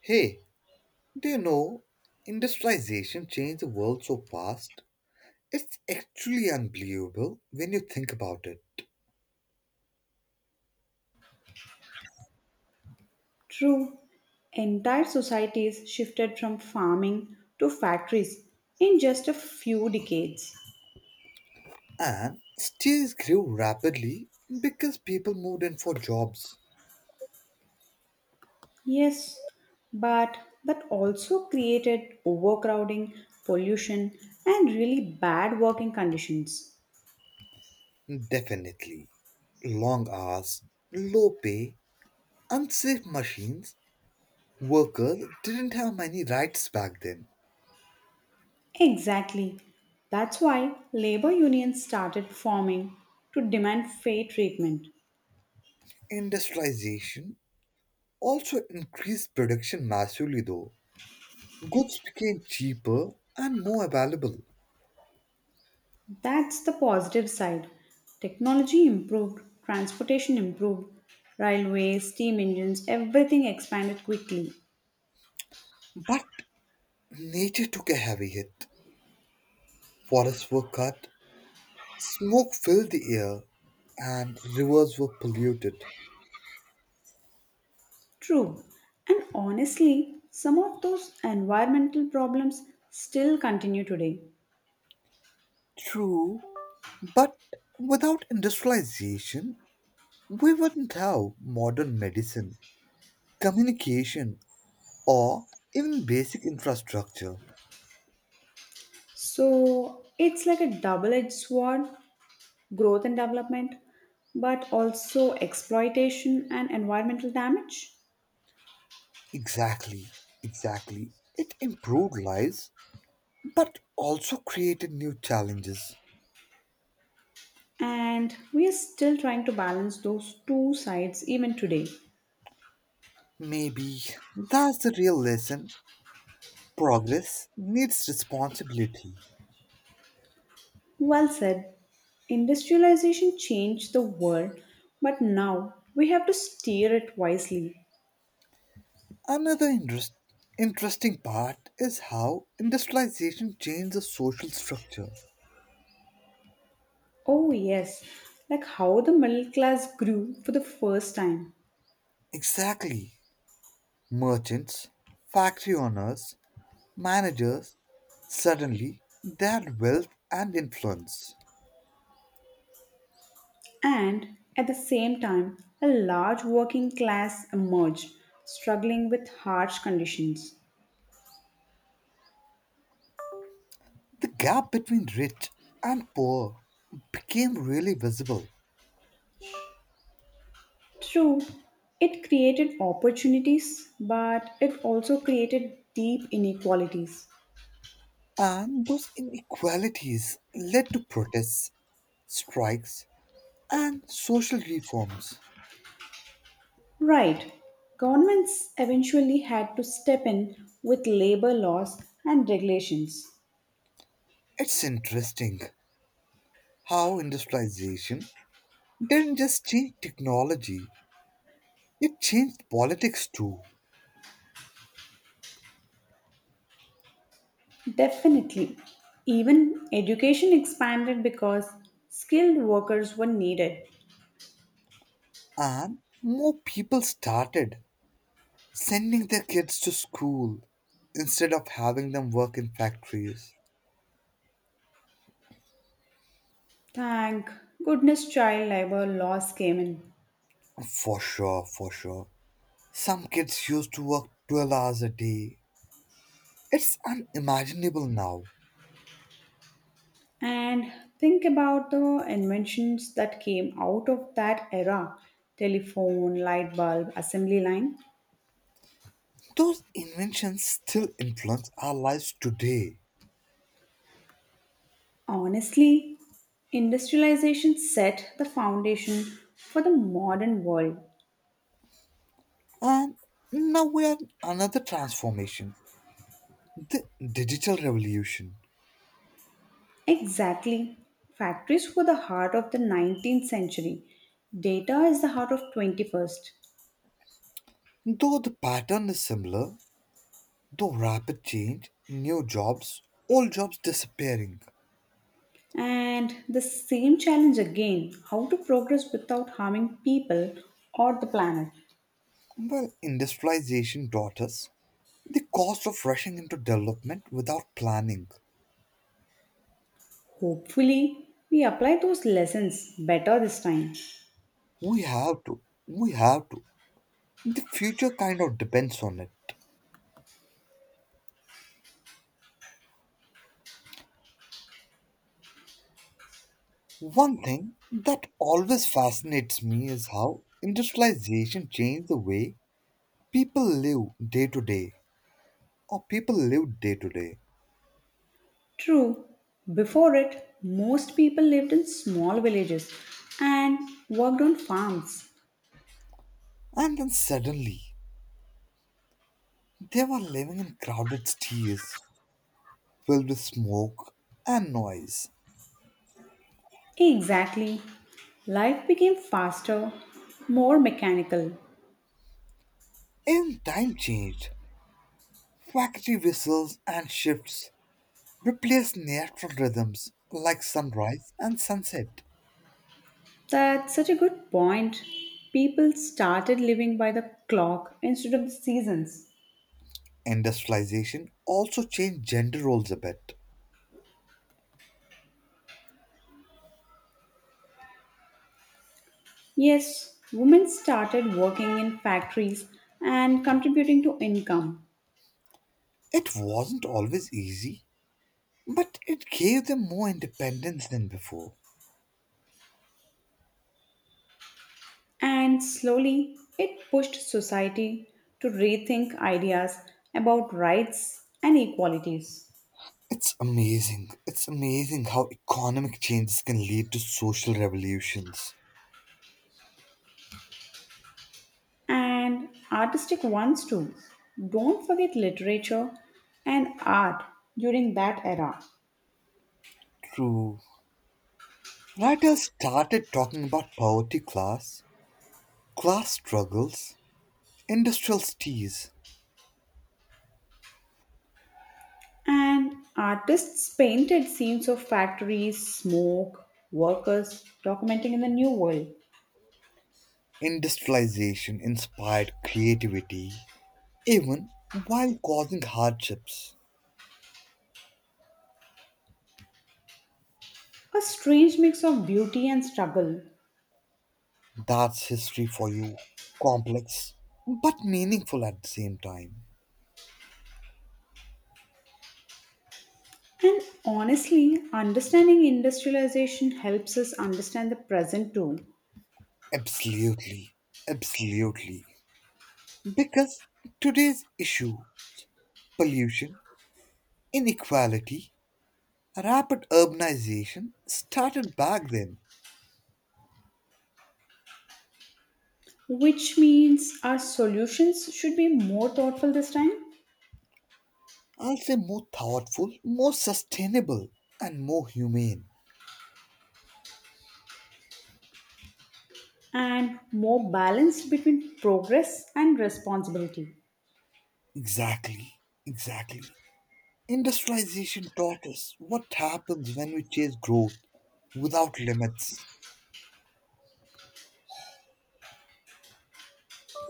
Hey, do you know industrialization changed the world so fast? It's actually unbelievable when you think about it. True, entire societies shifted from farming to factories in just a few decades. And cities grew rapidly because people moved in for jobs. Yes, but that also created overcrowding, pollution, and really bad working conditions. Definitely. Long hours, low pay, unsafe machines. Workers didn't have many rights back then. Exactly. That's why labor unions started forming to demand fair treatment. Industrialization also increased production massively, though. Goods became cheaper and more available. That's the positive side. Technology improved, transportation improved, railways, steam engines, everything expanded quickly. But nature took a heavy hit. Forests were cut, smoke filled the air, and rivers were polluted. True. And honestly, some of those environmental problems still continue today. True, but without industrialization, we wouldn't have modern medicine, communication, or even basic infrastructure. So it's like a double edged sword growth and development, but also exploitation and environmental damage. Exactly, exactly. It improved lives, but also created new challenges. And we are still trying to balance those two sides even today. Maybe that's the real lesson. Progress needs responsibility. Well said. Industrialization changed the world, but now we have to steer it wisely. Another interesting part is how industrialization changed the social structure. Oh, yes, like how the middle class grew for the first time. Exactly. Merchants, factory owners, managers, suddenly they had wealth and influence. And at the same time, a large working class emerged, struggling with harsh conditions. The gap between rich and poor became really visible, True, it created opportunities, but it also created deep inequalities. and those inequalities led to protests, strikes, and social reforms. Right. Governments eventually had to step in with labor laws and regulations. It's interesting how industrialization didn't just change technology, it changed politics too. Definitely. Even education expanded because skilled workers were needed. And more people started sending their kids to school instead of having them work in factories. Thank goodness child labor laws came in. For sure, for sure. Some kids used to work 12 hours a day. It's unimaginable now. And think about the inventions that came out of that era telephone, light bulb, assembly line. Those inventions still influence our lives today. Honestly, industrialization set the foundation for the modern world. And now we are in another transformation, the digital revolution. Exactly. Factories were the heart of the 19th century. Data is the heart of 21st. Though the pattern is similar, though rapid change, new jobs, old jobs disappearing. And the same challenge again, how to progress without harming people or the planet. Well, industrialization taught us the cost of rushing into development without planning. Hopefully, we apply those lessons better this time. We have to. We have to. The future kind of depends on it. One thing that always fascinates me is how industrialization changed the way people live day to day, people lived day to day. True, before it, most people lived in small villages and worked on farms. And then suddenly, they were living in crowded cities, filled with smoke and noise. Exactly. Life became faster, more mechanical. In time changed. Factory whistles and shifts replaced natural rhythms like sunrise and sunset. That's such a good point. People started living by the clock instead of the seasons. Industrialization also changed gender roles a bit. Yes, women started working in factories and contributing to income. It wasn't always easy, but it gave them more independence than before. And slowly, it pushed society to rethink ideas about rights and equalities. It's amazing. It's amazing how economic changes can lead to social revolutions. And artistic ones too. Don't forget literature and art during that era. True. Writers started talking about poverty, class struggles, industrial teas, And artists painted scenes of factories, smoke, workers documenting in the new world. industrialization inspired creativity, even while causing hardships. A strange mix of beauty and struggle. That's history for you. Complex, but meaningful at the same time. And honestly, understanding industrialization helps us understand the present too, Absolutely, absolutely. Because today's issue, pollution, inequality, rapid urbanization, started back then. which means our solutions should be more thoughtful this time. I'll say more thoughtful, more sustainable, and more humane. And more balance between progress and responsibility. Exactly, exactly. Industrialization taught us what happens when we chase growth without limits.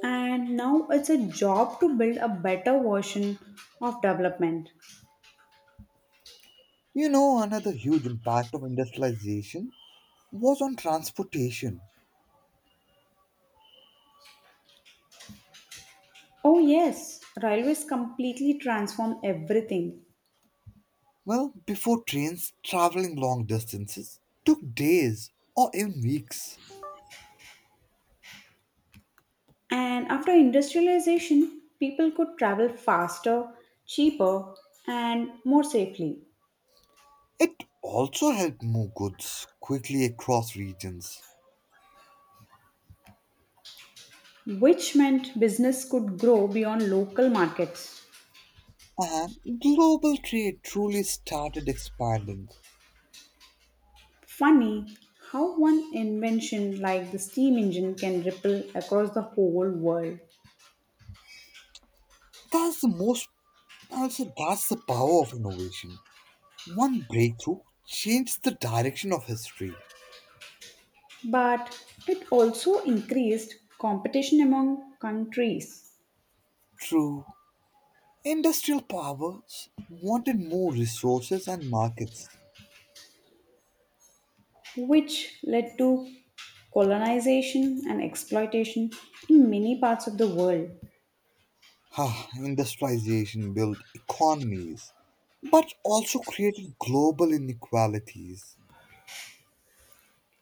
And now it's a job to build a better version of development. You know, another huge impact of industrialization was on transportation. Oh, yes, railways completely transform everything. Well, before trains, traveling long distances took days or even weeks. And after industrialization, people could travel faster, cheaper, and more safely, It also helped move goods quickly across regions. which meant business could grow beyond local markets. And global trade truly started expanding. Funny how one invention like the steam engine can ripple across the whole world, That's the most, I'll say, that's the power of innovation. One breakthrough changed the direction of history. but it also increased competition among countries, True, industrial powers wanted more resources and markets. which led to colonization and exploitation in many parts of the world. Ah, industrialization built economies, but also created global inequalities.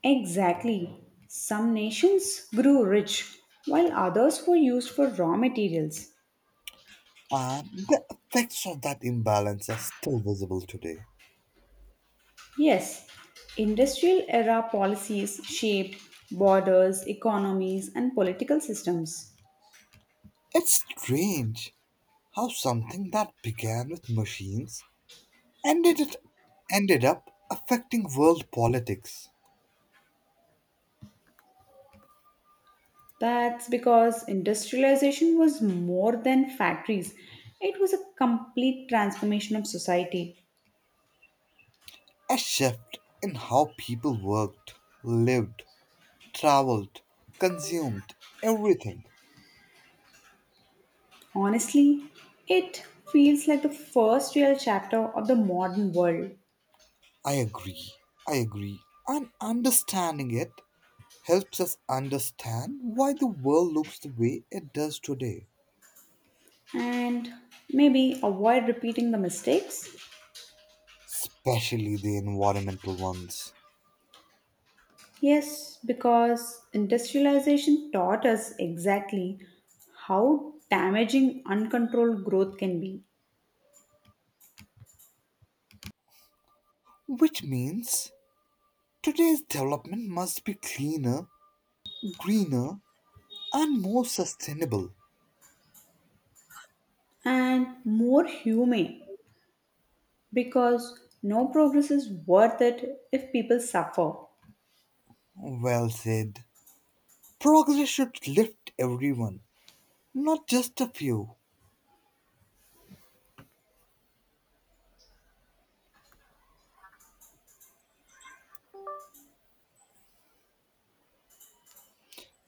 Exactly, some nations grew rich while others were used for raw materials. And the effects of that imbalance are still visible today. Yes, industrial era policies shaped borders, economies, and political systems. It's strange how something that began with machines ended, it, ended up affecting world politics. That's because industrialization was more than factories, it was a complete transformation of society. A shift in how people worked, lived, traveled, consumed everything. Honestly, it feels like the first real chapter of the modern world. I agree. I agree. And understanding it helps us understand why the world looks the way it does today, And maybe avoid repeating the mistakes. especially the environmental ones. Yes, because industrialization taught us exactly how damaging uncontrolled growth can be Which means today's development must be cleaner, greener, and more sustainable. and more humane because no progress is worth it if people suffer. Well said. Progress should lift everyone, not just a few.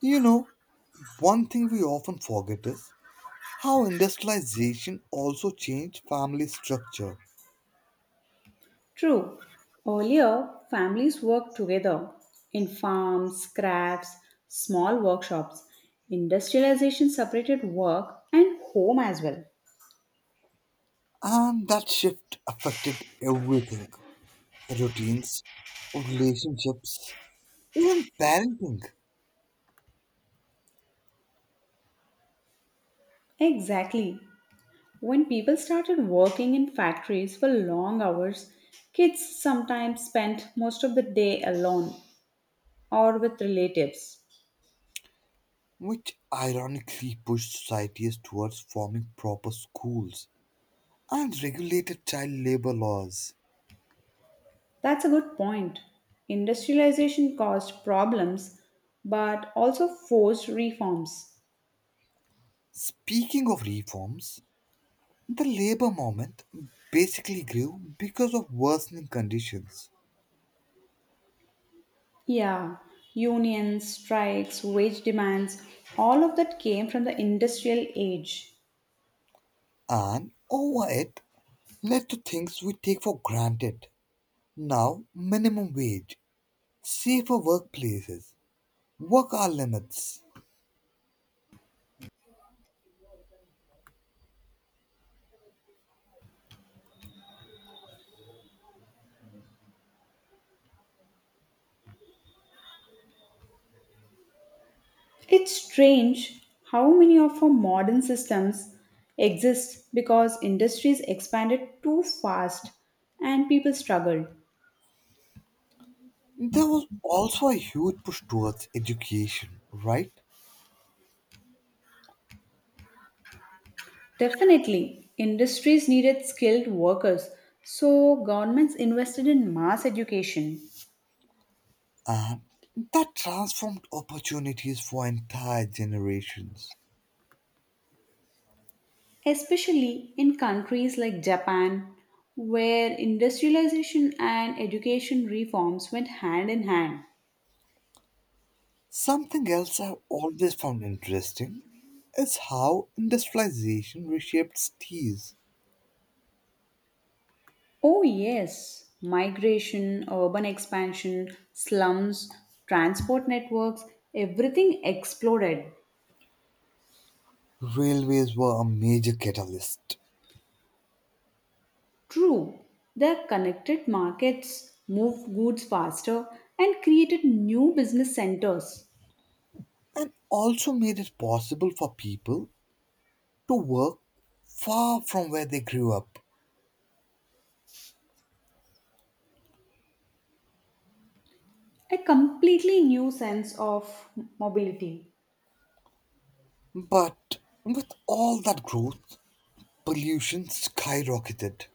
You know, one thing we often forget is how industrialization also changed family structure, True, earlier families worked together in farms, crafts, small workshops. Industrialization separated work and home as well. and that shift affected everything: routines, relationships, even parenting, Exactly. When people started working in factories for long hours, kids sometimes spent most of the day alone or with relatives. which ironically pushed societies towards forming proper schools and regulated child labor laws. That's a good point. Industrialization caused problems but also forced reforms. Speaking of reforms, the labor movement basically grew because of worsening conditions. Yeah, unions, strikes, wage demands, all of that came from the industrial age. And over it led to things we take for granted now: minimum wage, safer workplaces, work hour limits. It's strange how many of our modern systems exist because industries expanded too fast and people struggled. There was also a huge push towards education, right? Definitely, industries needed skilled workers, so governments invested in mass education, And that transformed opportunities for entire generations. especially in countries like Japan, where industrialization and education reforms went hand in hand. Something else I've always found interesting is how industrialization reshaped cities. Oh, yes. Migration, urban expansion, slums, transport networks, everything exploded. Railways were a major catalyst, True, their connected markets moved goods faster and created new business centers. and also made it possible for people to work far from where they grew up. A completely new sense of mobility. But with all that growth, pollution skyrocketed.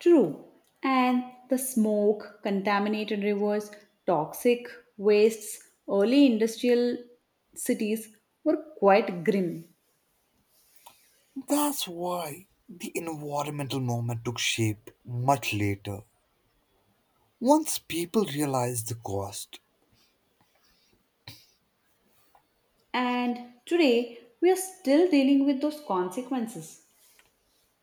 True, and the smoke, contaminated rivers, toxic wastes, early industrial cities were quite grim. That's why the environmental movement took shape much later, once people realized the cost. And today, we are still dealing with those consequences.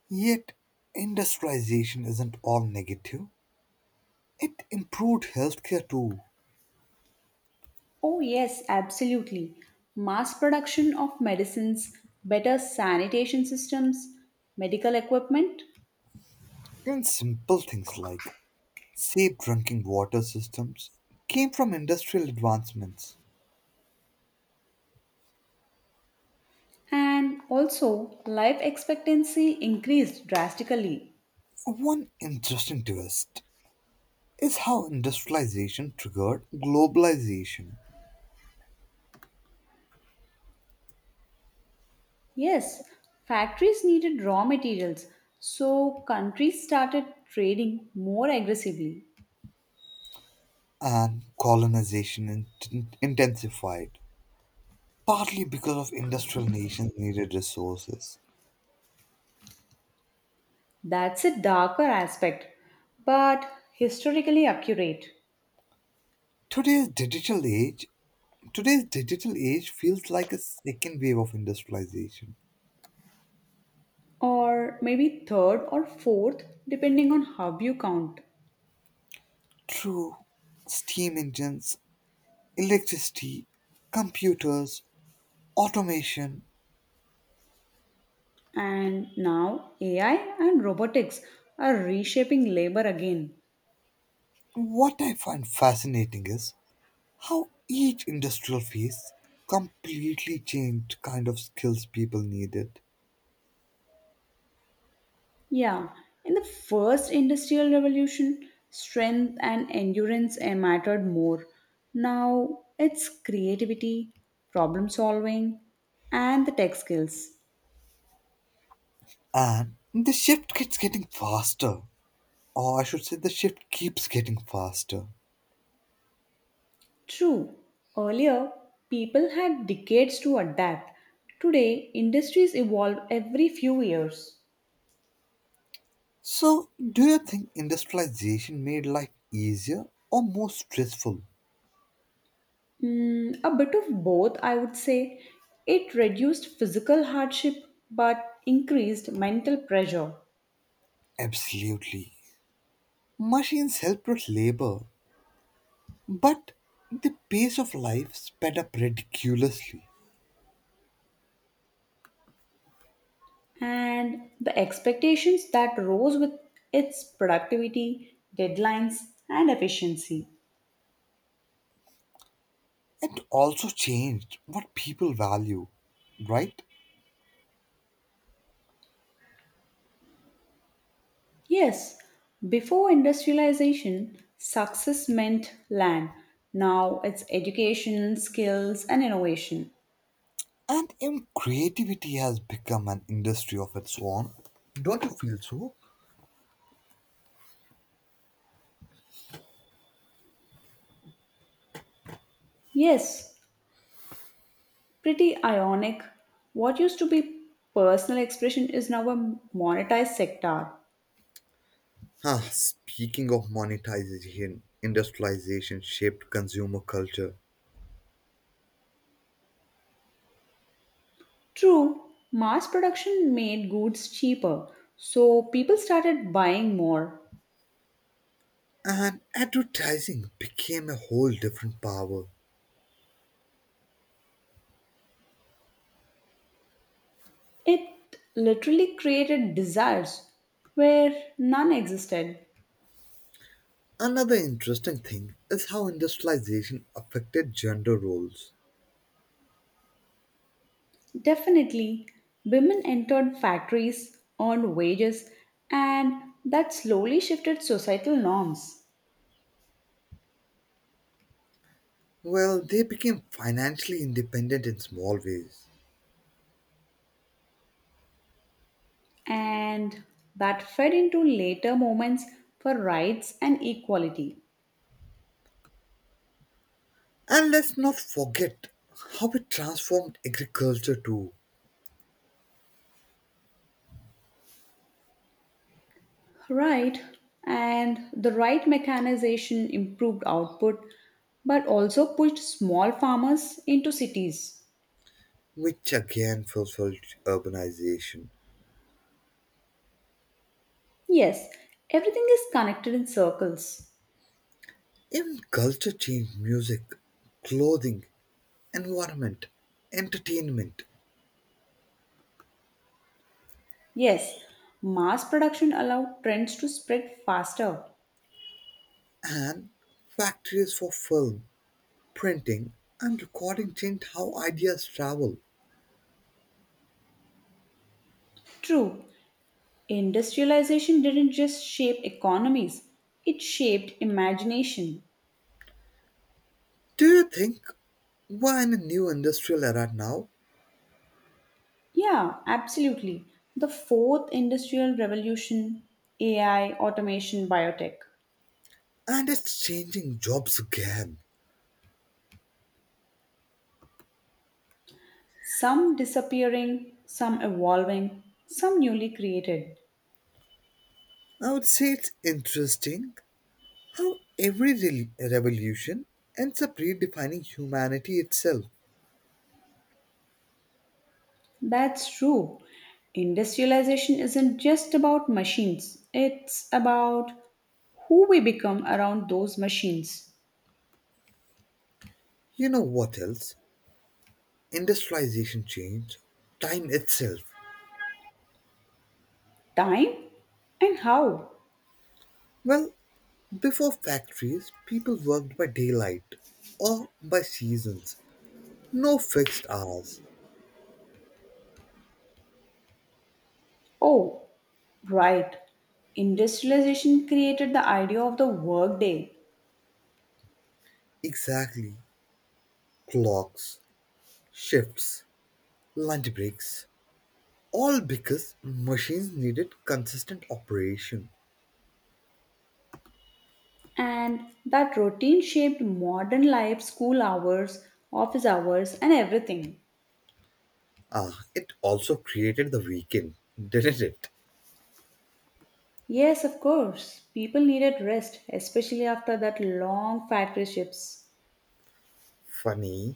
Yet, industrialization isn't all negative, it improved healthcare too, Oh, yes, absolutely. Mass production of medicines, better sanitation systems, medical equipment, in simple things like safe drinking water systems came from industrial advancements. and also life expectancy increased drastically. One interesting twist is how industrialization triggered globalization Yes, factories needed raw materials, so countries started trading more aggressively. and colonization intensified, partly because of industrial nations needed resources. That's a darker aspect, but historically accurate. Today's digital age today's digital age feels like a second wave of industrialization. Or maybe third or fourth, depending on how you count. Through steam engines, electricity, computers, automation, And now AI and robotics are reshaping labor again. what I find fascinating is how each industrial phase completely changed kind of skills people needed. Yeah, in the first industrial revolution, strength and endurance mattered more. Now it's creativity, problem solving, and the tech skills. And the shift keeps getting faster. Or I should say the shift keeps getting faster. True, earlier people had decades to adapt. Today, industries evolve every few years. So do you think industrialization made life easier or more stressful? A bit of both, I would say. It reduced physical hardship but increased mental pressure Absolutely. Machines helped with labor, but the pace of life sped up ridiculously. and the expectations that rose with its productivity, deadlines, and efficiency. It also changed what people value, right? Yes, before industrialization, success meant land. Now it's education, skills, and innovation. And even creativity has become an industry of its own. Don't you feel so? Yes, pretty ionic. What used to be personal expression is now a monetized sector. Huh, speaking of monetization, industrialization shaped consumer culture, True, mass production made goods cheaper, so people started buying more. and advertising became a whole different power. It literally created desires where none existed. Another interesting thing is how industrialization affected gender roles. Definitely, women entered factories, earned wages, and that slowly shifted societal norms. Well, they became financially independent in small ways, And that fed into later movements for rights and equality. and let's not forget how it transformed agriculture too, Right, and the right mechanization improved output but also pushed small farmers into cities. which again fulfilled urbanization. Yes, everything is connected in circles. Even culture changed music, clothing, environment, entertainment, Yes, mass production allowed trends to spread faster. and factories for film, printing, and recording changed how ideas travel. True, industrialization didn't just shape economies, it shaped imagination. Do you think we're in a new industrial era now Yeah, absolutely. The fourth industrial revolution, AI, automation, biotech. and it's changing jobs again? Some disappearing, some evolving, some newly created. I would say it's interesting how every revolution ends up redefining humanity itself. That's true. Industrialization isn't just about machines, it's about who we become around those machines. You know what else? Industrialization changed time itself. Time and how. Well, before factories, people worked by daylight or by seasons. No fixed hours. Oh, right. Industrialization created the idea of the workday. Exactly. Clocks, shifts, lunch breaks. All because machines needed consistent operation. And that routine shaped modern life, school hours, office hours, and everything. Ah, it also created the weekend, didn't it? Yes, of course, people needed rest, especially after that long factory shifts. Funny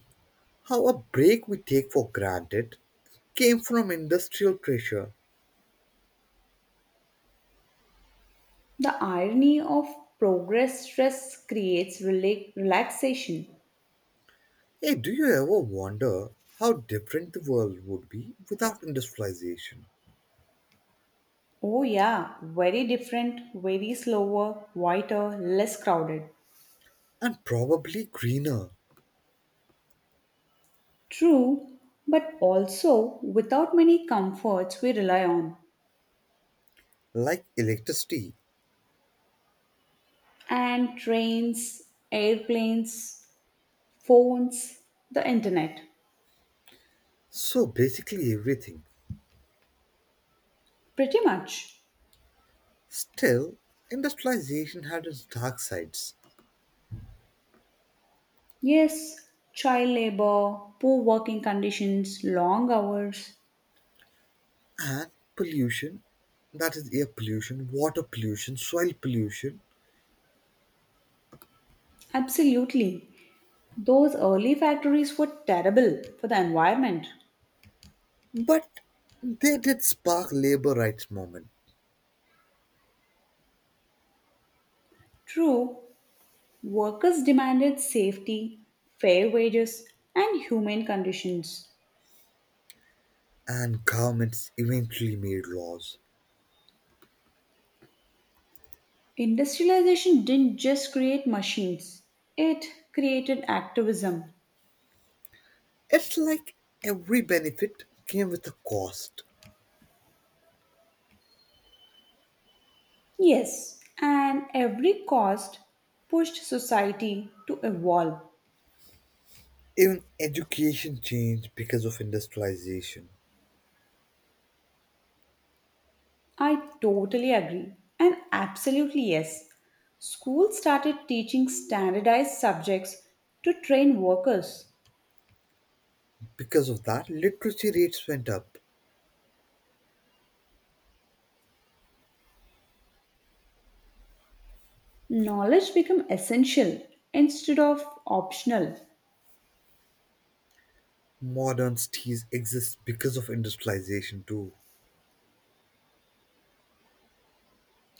how a break we take for granted came from industrial pressure. The irony of progress stress creates relaxation. Hey, do you ever wonder how different the world would be without industrialization? Oh, yeah, very different, very slower, quieter, less crowded. And probably greener, True, but also without many comforts we rely on. like electricity. And trains, airplanes, phones, the internet. So basically everything. Pretty much. Still, industrialization had its dark sides Yes, child labor, poor working conditions, long hours. and pollution, that is air pollution, water pollution, soil pollution. Absolutely. Those early factories were terrible for the environment. But they did spark labor rights movement True, workers demanded safety, fair wages, and humane conditions. and governments eventually made laws. Industrialization didn't just create machines, it created activism. It's like every benefit came with a cost. Yes, and every cost pushed society to evolve. Even education changed because of industrialization. I totally agree. And absolutely yes. Schools started teaching standardized subjects to train workers. Because of that, literacy rates went up. Knowledge became essential instead of optional. Modern cities exist because of industrialization too.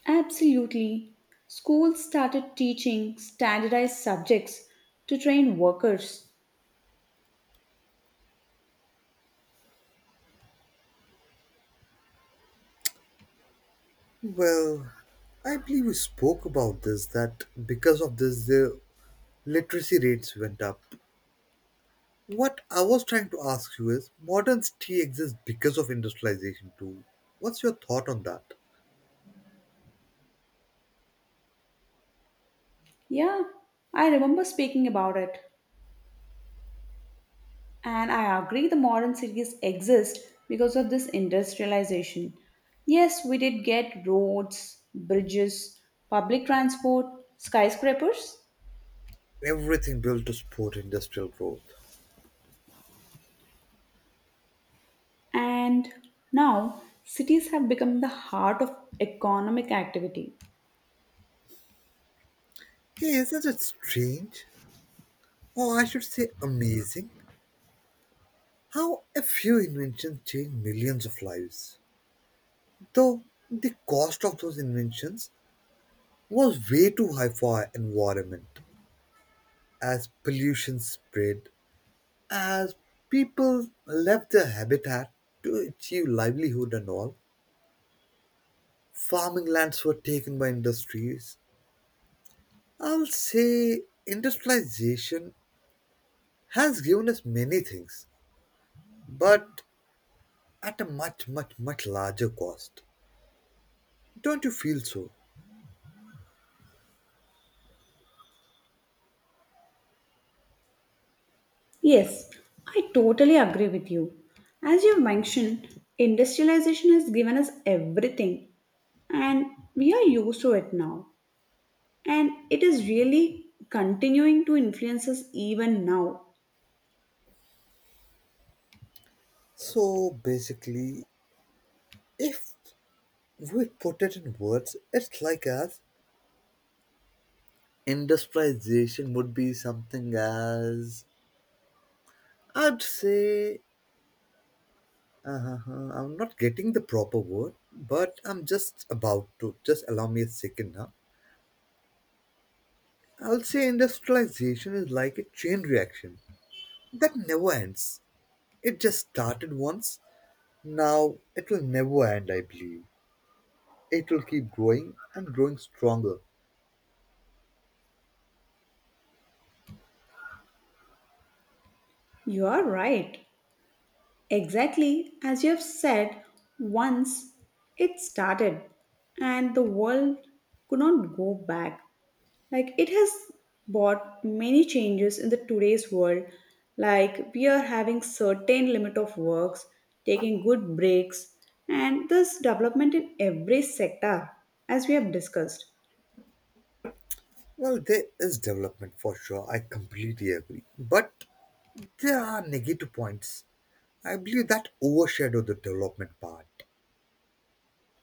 Absolutely. Schools started teaching standardized subjects to train workers. Well, I believe we spoke about this that because of this, the literacy rates went up. What I was trying to ask you is modern city exists because of industrialization too. What's your thought on that? Yeah, I remember speaking about it. And I agree the modern cities exist because of this industrialization. Yes, we did get roads, bridges, public transport, skyscrapers, Everything built to support industrial growth. and now cities have become the heart of economic activity. Hey, isn't it strange? Or I should say amazing, how a few inventions changed millions of lives. Though the cost of those inventions was way too high for our environment. As pollution spread, as people left their habitat to achieve livelihood and all, farming lands were taken by industries. I'll say industrialization has given us many things, but at a much, much, much larger cost. Don't you feel so? Yes, I totally agree with you. As you mentioned, industrialization has given us everything and we are used to it now. And it is really continuing to influence us even now. So basically, if we put it in words, it's like as industrialization would be something as I'd say, uh I'm not getting the proper word, but I'm just about to. Just allow me a second now. I'll say industrialization is like a chain reaction that never ends. It just started once. Now it will never end, I believe. It will keep growing and growing stronger. You are right. Exactly as you have said, once it started and the world could not go back. Like it has brought many changes in the today's world. Like we are having certain limit of works, taking good breaks, and this development in every sector as we have discussed. Well, there is development for sure. I completely agree. But there are negative points. I believe that overshadow the development part.